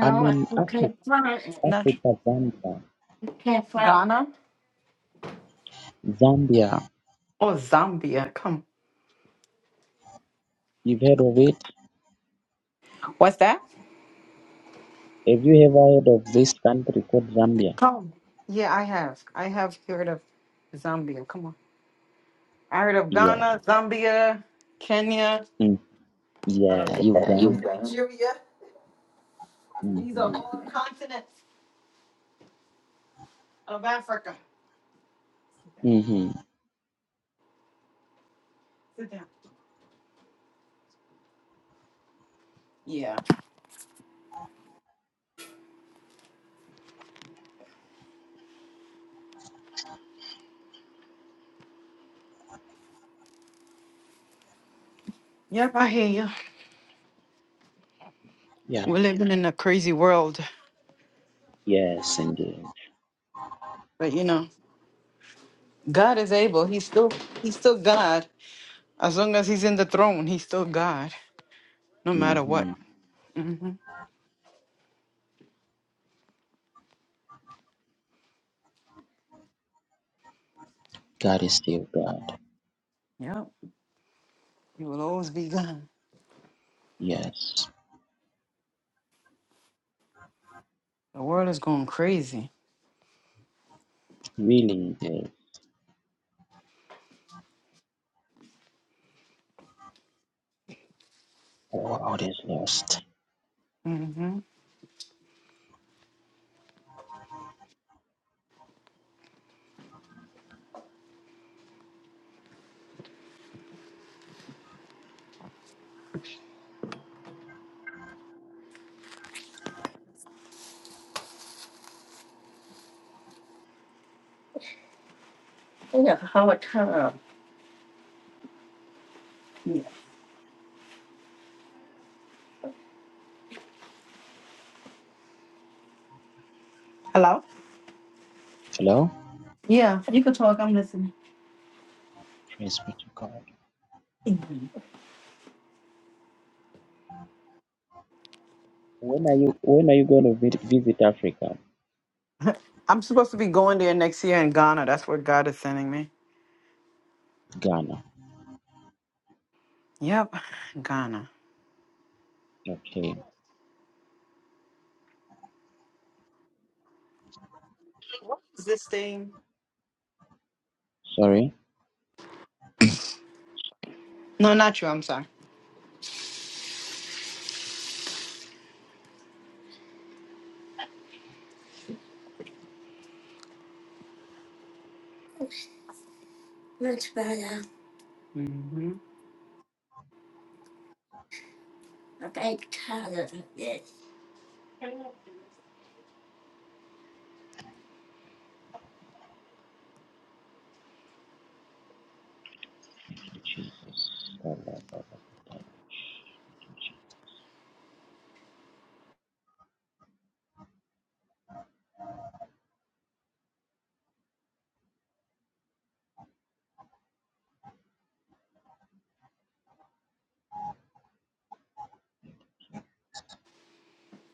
[SPEAKER 1] I'm
[SPEAKER 2] I
[SPEAKER 1] in Africa
[SPEAKER 2] can't find it. Not
[SPEAKER 1] Africa, Zambia.
[SPEAKER 2] can't find Ghana?
[SPEAKER 1] Zambia.
[SPEAKER 2] Oh Zambia. Come.
[SPEAKER 1] You've heard of it?
[SPEAKER 2] What's that?
[SPEAKER 1] Have you ever heard of this country called Zambia?
[SPEAKER 2] Come. Yeah, I have. I have heard of Zambia. Come on. I heard of
[SPEAKER 1] Yeah.
[SPEAKER 2] Ghana, Zambia, Kenya.
[SPEAKER 1] Mm.
[SPEAKER 2] um,
[SPEAKER 1] Yeah, Uganda.
[SPEAKER 2] Nigeria. These
[SPEAKER 1] Mm-hmm.
[SPEAKER 2] are all continents of Africa.
[SPEAKER 1] Mm-hmm.
[SPEAKER 2] Sit down. Yeah. Yep, I hear you.
[SPEAKER 1] Yeah.
[SPEAKER 2] We're living in a crazy world.
[SPEAKER 1] Yes, indeed.
[SPEAKER 2] But you know, God is able. He's still he's still God. As long as he's in the throne, he's still God. No matter what.
[SPEAKER 1] hmm
[SPEAKER 2] hmm
[SPEAKER 1] God is still God.
[SPEAKER 2] Yep. He will always be God.
[SPEAKER 1] Yes.
[SPEAKER 2] The world is going crazy.
[SPEAKER 1] Really, the world is lost.
[SPEAKER 2] hmm Hello?
[SPEAKER 1] Hello.
[SPEAKER 2] Yeah. You can talk. I'm listening.
[SPEAKER 1] Praise be to God.
[SPEAKER 2] Mhm.
[SPEAKER 1] When are you When are you going to vi- visit Africa?
[SPEAKER 2] I'm supposed to be going there next year in Ghana. That's where God is sending me.
[SPEAKER 1] Ghana.
[SPEAKER 2] Yep. Ghana.
[SPEAKER 1] Okay.
[SPEAKER 2] Is this thing?
[SPEAKER 1] Sorry.
[SPEAKER 2] No, not you. I'm sorry. hmm
[SPEAKER 1] Thank you, Jesus. Blah, blah, blah. blah.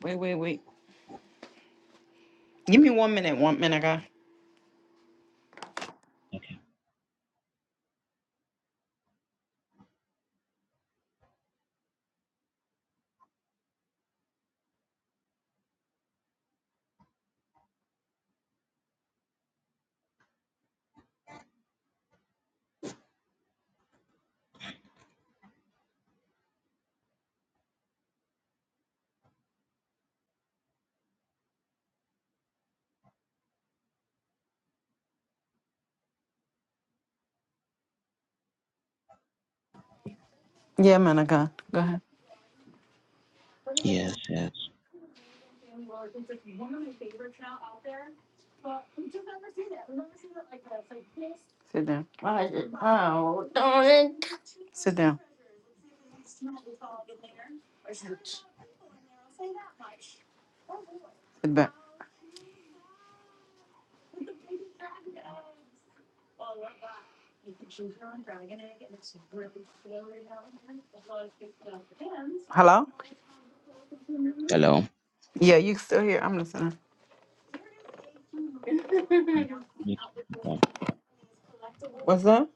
[SPEAKER 2] Wait, wait, wait. Give me one minute. One minute, guy. Yeah, minute, guy. Go ahead.
[SPEAKER 1] Yes. Yes.
[SPEAKER 2] Sit down. Sit down. Sit back. Hello?
[SPEAKER 1] Hello.
[SPEAKER 2] Yeah, you still here? I'm listening.
[SPEAKER 1] Yes, um,
[SPEAKER 2] What's up?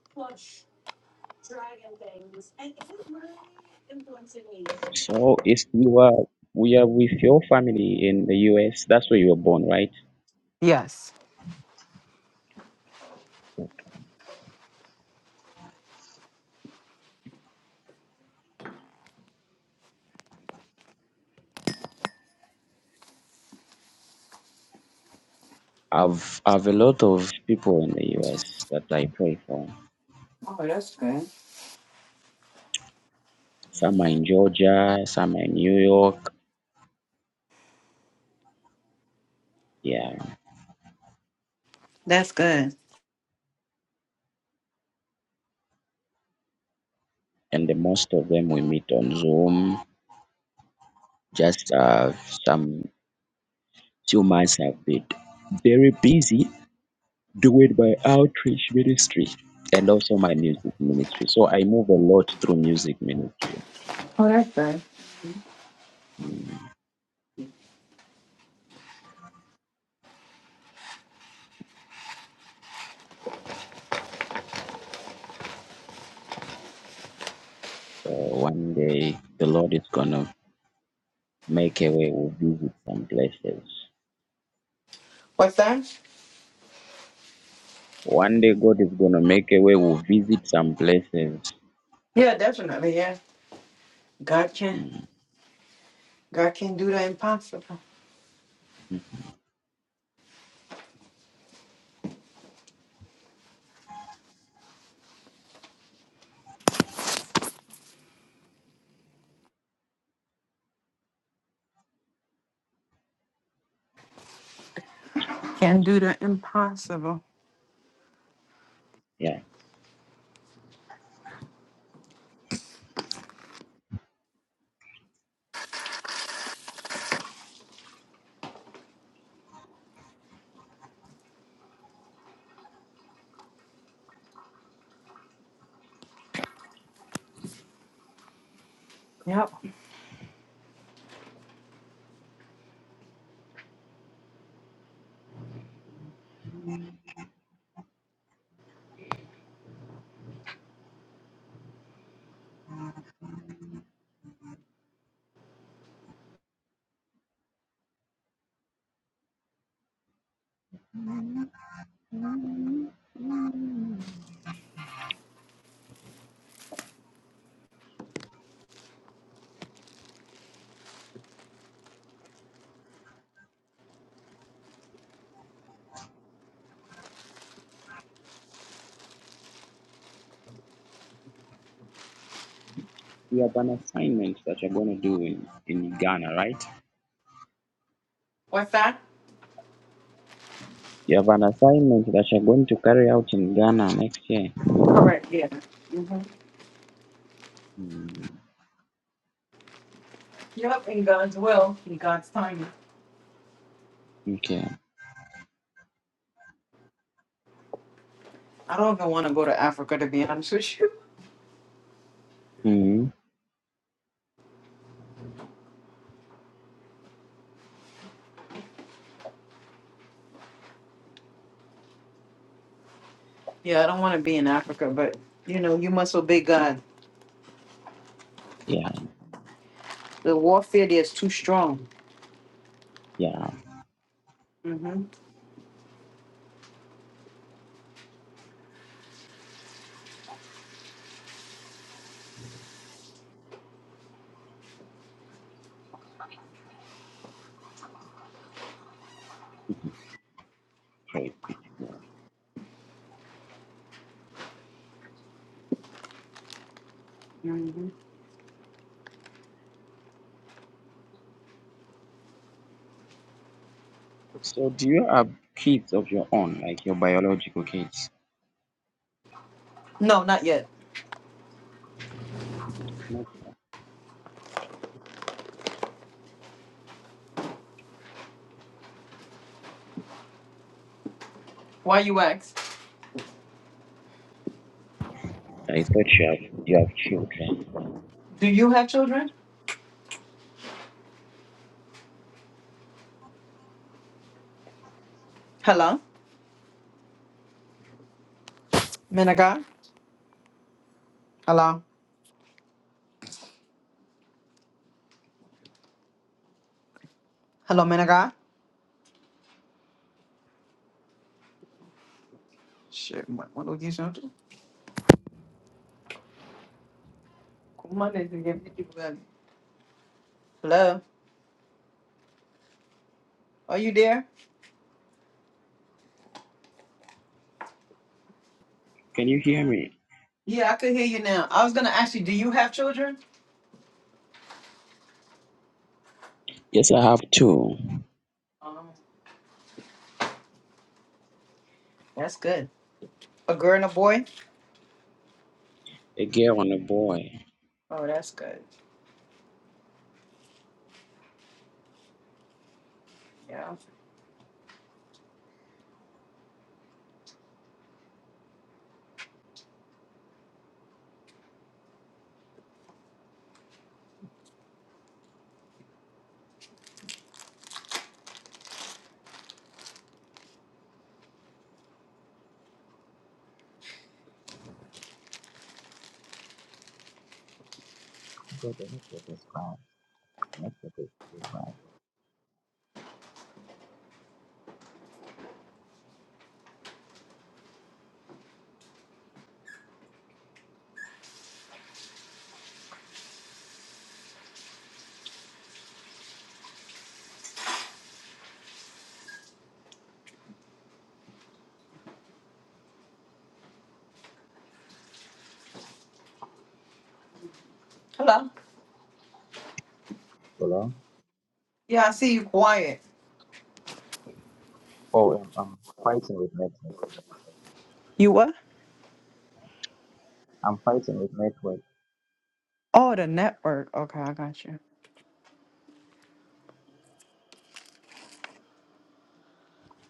[SPEAKER 1] So if you are we are with your family in the US. That's where you were born, right?
[SPEAKER 2] Yes.
[SPEAKER 1] I've I've a lot of people in the US that I pray for.
[SPEAKER 2] Oh, that's good.
[SPEAKER 1] Some are in Georgia, some are in New York. Yeah.
[SPEAKER 2] That's good.
[SPEAKER 1] And the most of them we meet on Zoom. Just uh, some few months have been very busy doing my outreach ministry and also my music ministry. So I move a lot through music ministry.
[SPEAKER 2] Oh, that's good.
[SPEAKER 1] So one day the Lord is gonna make a way we'll visit some places.
[SPEAKER 2] What's that?
[SPEAKER 1] One day God is gonna make a way we'll visit some places.
[SPEAKER 2] Yeah, definitely. Yeah. God can.
[SPEAKER 1] Mm,
[SPEAKER 2] God can do the impossible. Can do the impossible.
[SPEAKER 1] Yeah.
[SPEAKER 2] Yep.
[SPEAKER 1] You have an assignment that you're going to do in, in Ghana, right?
[SPEAKER 2] What's that?
[SPEAKER 1] You have an assignment that you're going to carry out in Ghana next year.
[SPEAKER 2] Correct. Yeah.
[SPEAKER 1] Mm,
[SPEAKER 2] Yep, in God's will, in God's timing.
[SPEAKER 1] okay.
[SPEAKER 2] I don't even want to go to Africa to be honest with you.
[SPEAKER 1] Mm,
[SPEAKER 2] Yeah, I don't want to be in Africa, but you know, you must obey God.
[SPEAKER 1] yeah,
[SPEAKER 2] The warfare there is too strong.
[SPEAKER 1] yeah,
[SPEAKER 2] Mm-hmm.
[SPEAKER 1] great.
[SPEAKER 2] Mm-hmm.
[SPEAKER 1] So, do you have kids of your own, like your biological kids?
[SPEAKER 2] No, not yet.
[SPEAKER 1] No.
[SPEAKER 2] Why you ask?
[SPEAKER 1] I thought you have you have children.
[SPEAKER 2] Do you have children? Hello, man of God. Hello, hello, man of God. Shit, what, what are you saying? Come on, and give me people that- Hello, are you there?
[SPEAKER 1] Can you hear me?
[SPEAKER 2] Yeah, I could hear you now. I was gonna ask you, do you have children?
[SPEAKER 1] Yes, I have two,
[SPEAKER 2] Um, that's good. A girl and a boy.
[SPEAKER 1] a girl and a boy.
[SPEAKER 2] Oh, that's good. Yeah.
[SPEAKER 1] God, the network is bad. Network is
[SPEAKER 2] Hello.
[SPEAKER 1] low.
[SPEAKER 2] Yeah, I see you quiet.
[SPEAKER 1] Oh, I'm, I'm fighting with network.
[SPEAKER 2] You what?
[SPEAKER 1] I'm fighting with network.
[SPEAKER 2] Oh, the network. Okay, I got you.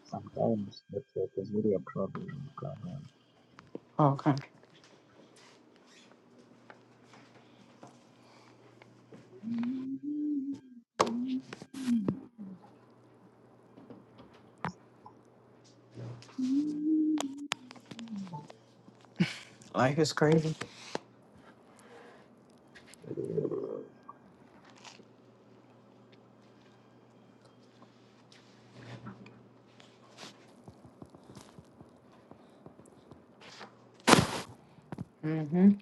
[SPEAKER 1] Sometimes the tech is really a problem. in Ghana.
[SPEAKER 2] Okay. Life is crazy. Mm-hmm.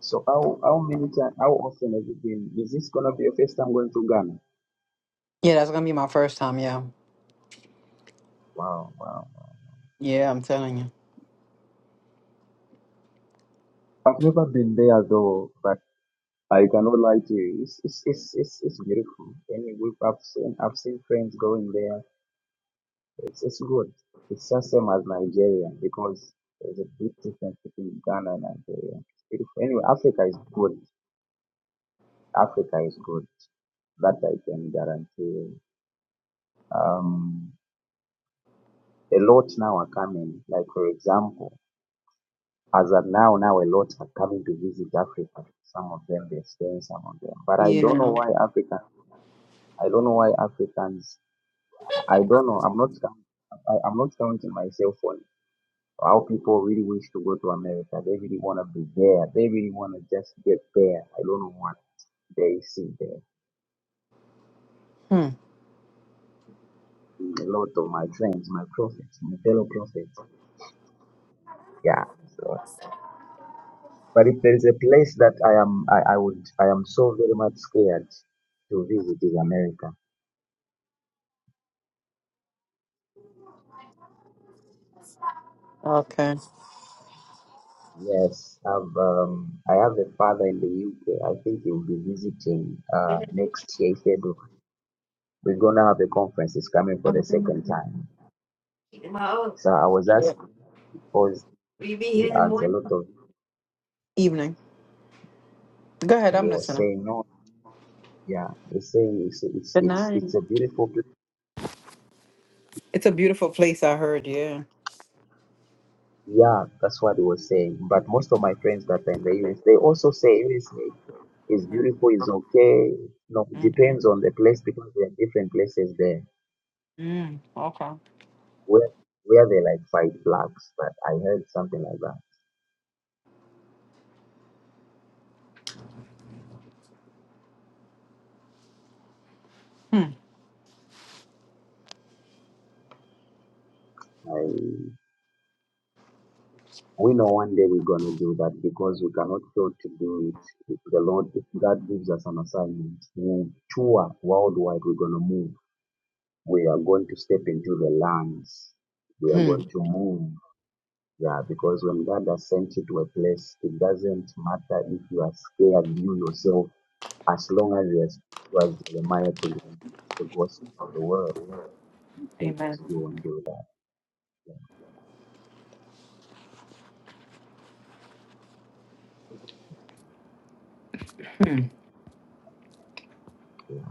[SPEAKER 1] So how how many time how often have you been? Is this gonna be your first time going to Ghana?
[SPEAKER 2] Yeah, that's gonna be my first time. Yeah.
[SPEAKER 1] Wow, wow.
[SPEAKER 2] Yeah, I'm telling you.
[SPEAKER 1] I've never been there though, but I cannot lie to you. It's it's it's it's, it's beautiful. And we've I've seen I've seen friends going there. It's it's good. It's the same as Nigeria because there's a big difference between Ghana and Nigeria. It's beautiful. Anyway, Africa is good. Africa is good. That I can guarantee. you. Um, a lot now are coming. Like for example, as of now, now a lot are coming to visit Africa. Some of them they're staying, some of them. But I don't know
[SPEAKER 2] Yeah.
[SPEAKER 1] why African. I don't know why Africans. I don't know. I'm not. count- I, I'm not counting myself on how people really wish to go to America. They really want to be there. They really want to just get there. I don't know what they see there.
[SPEAKER 2] Hmm.
[SPEAKER 1] A lot of my friends, my prophets, my fellow prophets. Yeah. So. But if there is a place that I am, I, I would, I am so very much scared to visit is America.
[SPEAKER 2] Okay.
[SPEAKER 1] Yes, I've, um, I have a father in the UK. I think he will be visiting uh, next year, February. We're gonna have a conference. He's coming for the second time. So I was
[SPEAKER 2] Yeah.
[SPEAKER 1] asked because he has a lot of,
[SPEAKER 2] Evening. Go ahead.
[SPEAKER 1] and he
[SPEAKER 2] I'm
[SPEAKER 1] was
[SPEAKER 2] listening.
[SPEAKER 1] saying no. Yeah, he's saying it's it's
[SPEAKER 2] Good
[SPEAKER 1] it's
[SPEAKER 2] night.
[SPEAKER 1] it's a beautiful place.
[SPEAKER 2] It's a beautiful place. I heard. Yeah.
[SPEAKER 1] Yeah, that's what he was saying. But most of my friends that are in the US, they also say USA is beautiful, is okay. No, it
[SPEAKER 2] Mm-hmm.
[SPEAKER 1] depends on the place because there are different places there
[SPEAKER 2] Mm, okay.
[SPEAKER 1] where where they like fight blacks. But I heard something like that.
[SPEAKER 2] Hmm.
[SPEAKER 1] I we know one day we're gonna do that because we cannot fail to do it. If the Lord, if God gives us an assignment, we'll tour worldwide. We're gonna move. We are going to step into the lands. We are
[SPEAKER 2] Hmm.
[SPEAKER 1] going to move Yeah, because when God has sent you to a place, it doesn't matter if you are scared, you yourself, as long as you are- you Jeremiah to go and preach the gospel of the world, you can
[SPEAKER 2] Amen.
[SPEAKER 1] just go and do that.
[SPEAKER 2] Hmm.
[SPEAKER 1] Yeah,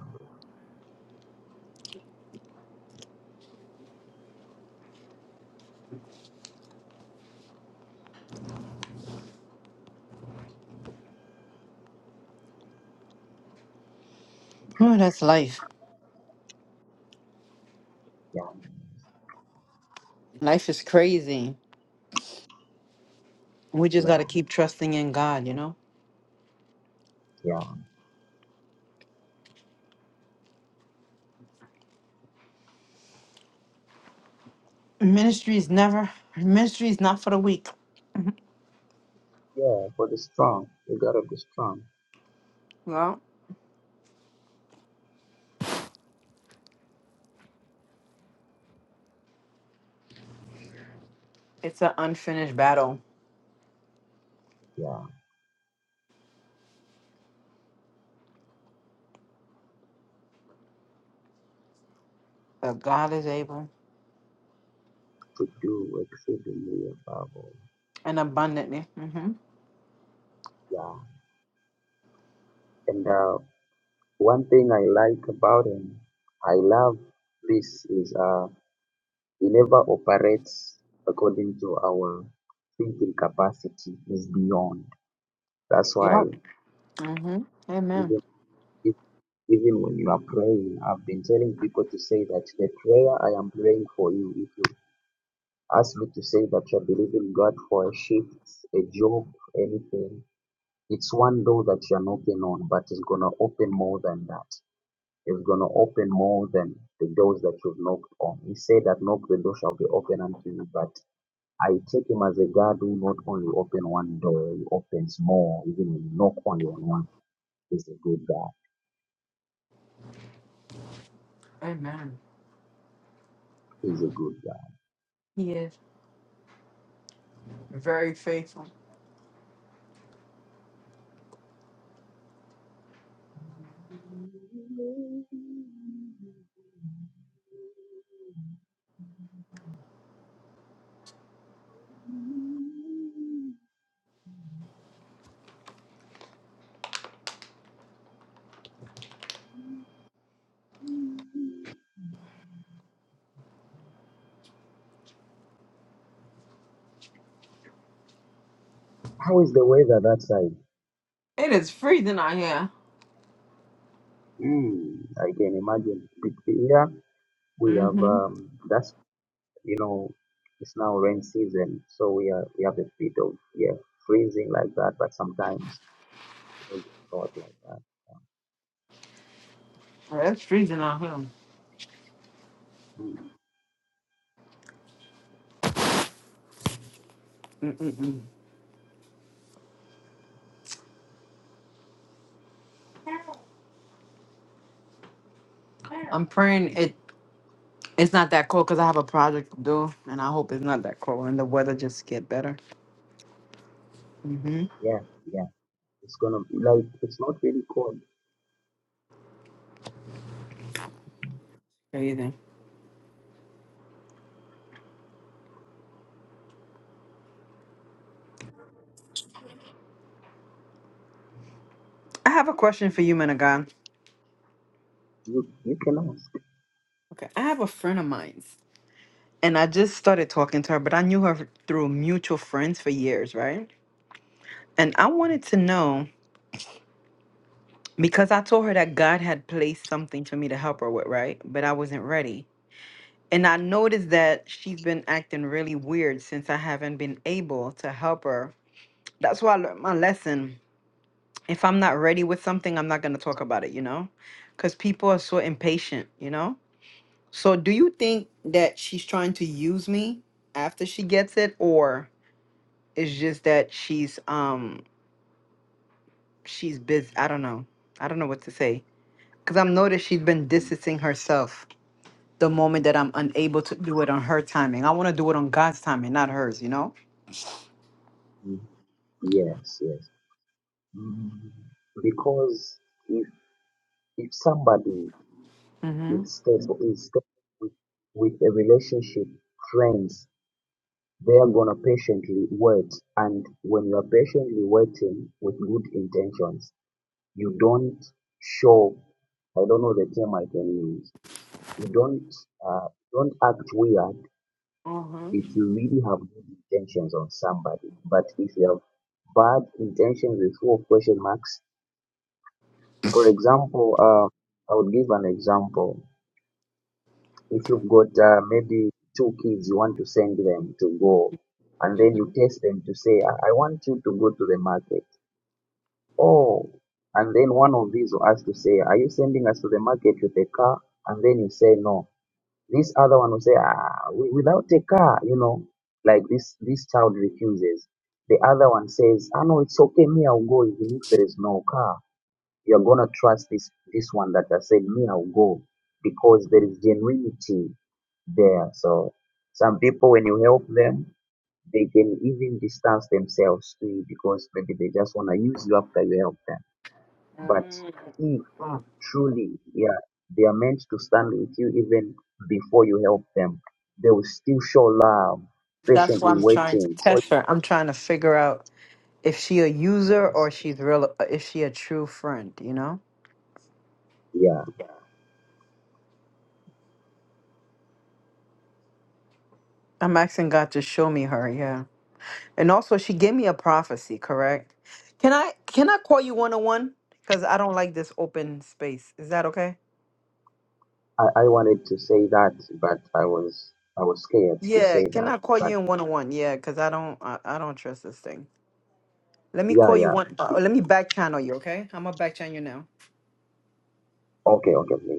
[SPEAKER 2] Oh, that's life.
[SPEAKER 1] yeah,
[SPEAKER 2] Life is crazy. We just gotta
[SPEAKER 1] yeah,
[SPEAKER 2] keep trusting in God. You know.
[SPEAKER 1] yeah.
[SPEAKER 2] Ministry is never ministry is not for the weak.
[SPEAKER 1] Yeah, for the strong, the God of the strong,
[SPEAKER 2] Well, it's an unfinished battle,
[SPEAKER 1] yeah,
[SPEAKER 2] but God is able
[SPEAKER 1] to do exceedingly above all.
[SPEAKER 2] and abundantly. Mm-hmm.
[SPEAKER 1] Yeah, and uh, one thing I like about him, I love this is. uh. We never operate according to our thinking capacity is beyond. That's why
[SPEAKER 2] Yep. Mm-hmm. Amen.
[SPEAKER 1] even if, even when you are praying, I've been telling people to say that the prayer I am praying for you, if you ask me to say that you're believing God for a shift, a job, anything, it's one door that you're knocking on, but it's gonna open more than that. It's gonna open more than the doors that you've knocked on. He said that knock the door shall be open unto you, but I take him as a God who not only open one door, he opens more. Even when you knock only on one, he's a good God.
[SPEAKER 2] Amen.
[SPEAKER 1] He's a good God.
[SPEAKER 2] He is very faithful.
[SPEAKER 1] How is the weather that side?
[SPEAKER 2] It is freezing out here.
[SPEAKER 1] Mm, I can imagine. But Here we have
[SPEAKER 2] Mm-hmm.
[SPEAKER 1] um, that's you know it's now rain season, so we are we have a bit of yeah freezing like that, but sometimes it will get hot like that.
[SPEAKER 2] It's freezing out here.
[SPEAKER 1] Mm,
[SPEAKER 2] Mm-mm-mm. I'm praying it. It's not that cold because I have a project to do, and I hope it's not that cold and the weather just get better. Mm-hmm.
[SPEAKER 1] yeah, yeah. It's gonna be like it's not really cold.
[SPEAKER 2] Crazy. I have a question for you, man of God.
[SPEAKER 1] You you can ask.
[SPEAKER 2] Okay, I have a friend of mine. and I just started talking to her, but I knew her through mutual friends for years, right? And I wanted to know because I told her that God had placed something for me to help her with, right? But I wasn't ready. And I noticed that she's been acting really weird since I haven't been able to help her. That's why I learned my lesson. If I'm not ready with something, I'm not going to talk about it, you know? Because people are so impatient, you know? So do you think that she's trying to use me after she gets it or? It's just that she's um she's busy. I don't know. I don't know what to say because I'm noticed she's been distancing herself the moment that I'm unable to do it on her timing. I want to do it on God's timing, not hers. You know.
[SPEAKER 1] Mhm. Yes, yes. Mm. because if if somebody
[SPEAKER 2] Mm-hmm.
[SPEAKER 1] is stable is stable with, with a relationship friends they are gonna patiently wait and when you are patiently waiting with good intentions you don't show i don't know the term i can use you don't uh, don't act weird if you really have good intentions on somebody but if you have bad intentions with full of question marks For example, uh, I would give an example. If you've got uh, maybe two kids, you want to send them to go, and then
[SPEAKER 2] hmm
[SPEAKER 1] you test them to say, I, I want you to go to the market. Oh, and then one of these will ask to say, Are you sending us to the market with a car? And then you say no. This other one will say, Ah, wi- without a car, you know, like this this child refuses. The other one says, Ah no, it's okay, me, I'll go even if there is no car you're gonna trust this this one that I said me I'll go because there is genuinity there. So some people when you help them, they can even distance themselves to you because maybe they just wanna use you after you help them. But if truly yeah, they are meant to stand with you even before you help them, they will still show love, patiently waiting,
[SPEAKER 2] But I'm trying to figure out if she a user
[SPEAKER 1] cautious.
[SPEAKER 2] or she's real. uh, If she a true friend, you know.
[SPEAKER 1] Yeah.
[SPEAKER 2] I'm asking God to show me her. Yeah. And also, she gave me a prophecy. Correct. Can I can I call you one on one? Because I don't like this open space. Is that okay?
[SPEAKER 1] I, I wanted to say that but I was I was scared to
[SPEAKER 2] Yeah,
[SPEAKER 1] say
[SPEAKER 2] can
[SPEAKER 1] that.
[SPEAKER 2] I call
[SPEAKER 1] but.
[SPEAKER 2] you in one on one? Yeah, because I don't, I, I don't trust this thing. Let me
[SPEAKER 1] Yeah,
[SPEAKER 2] call you
[SPEAKER 1] yeah.
[SPEAKER 2] one. uh, let me back channel you, okay? I'm gonna back channel you now.
[SPEAKER 1] Okay, okay, please.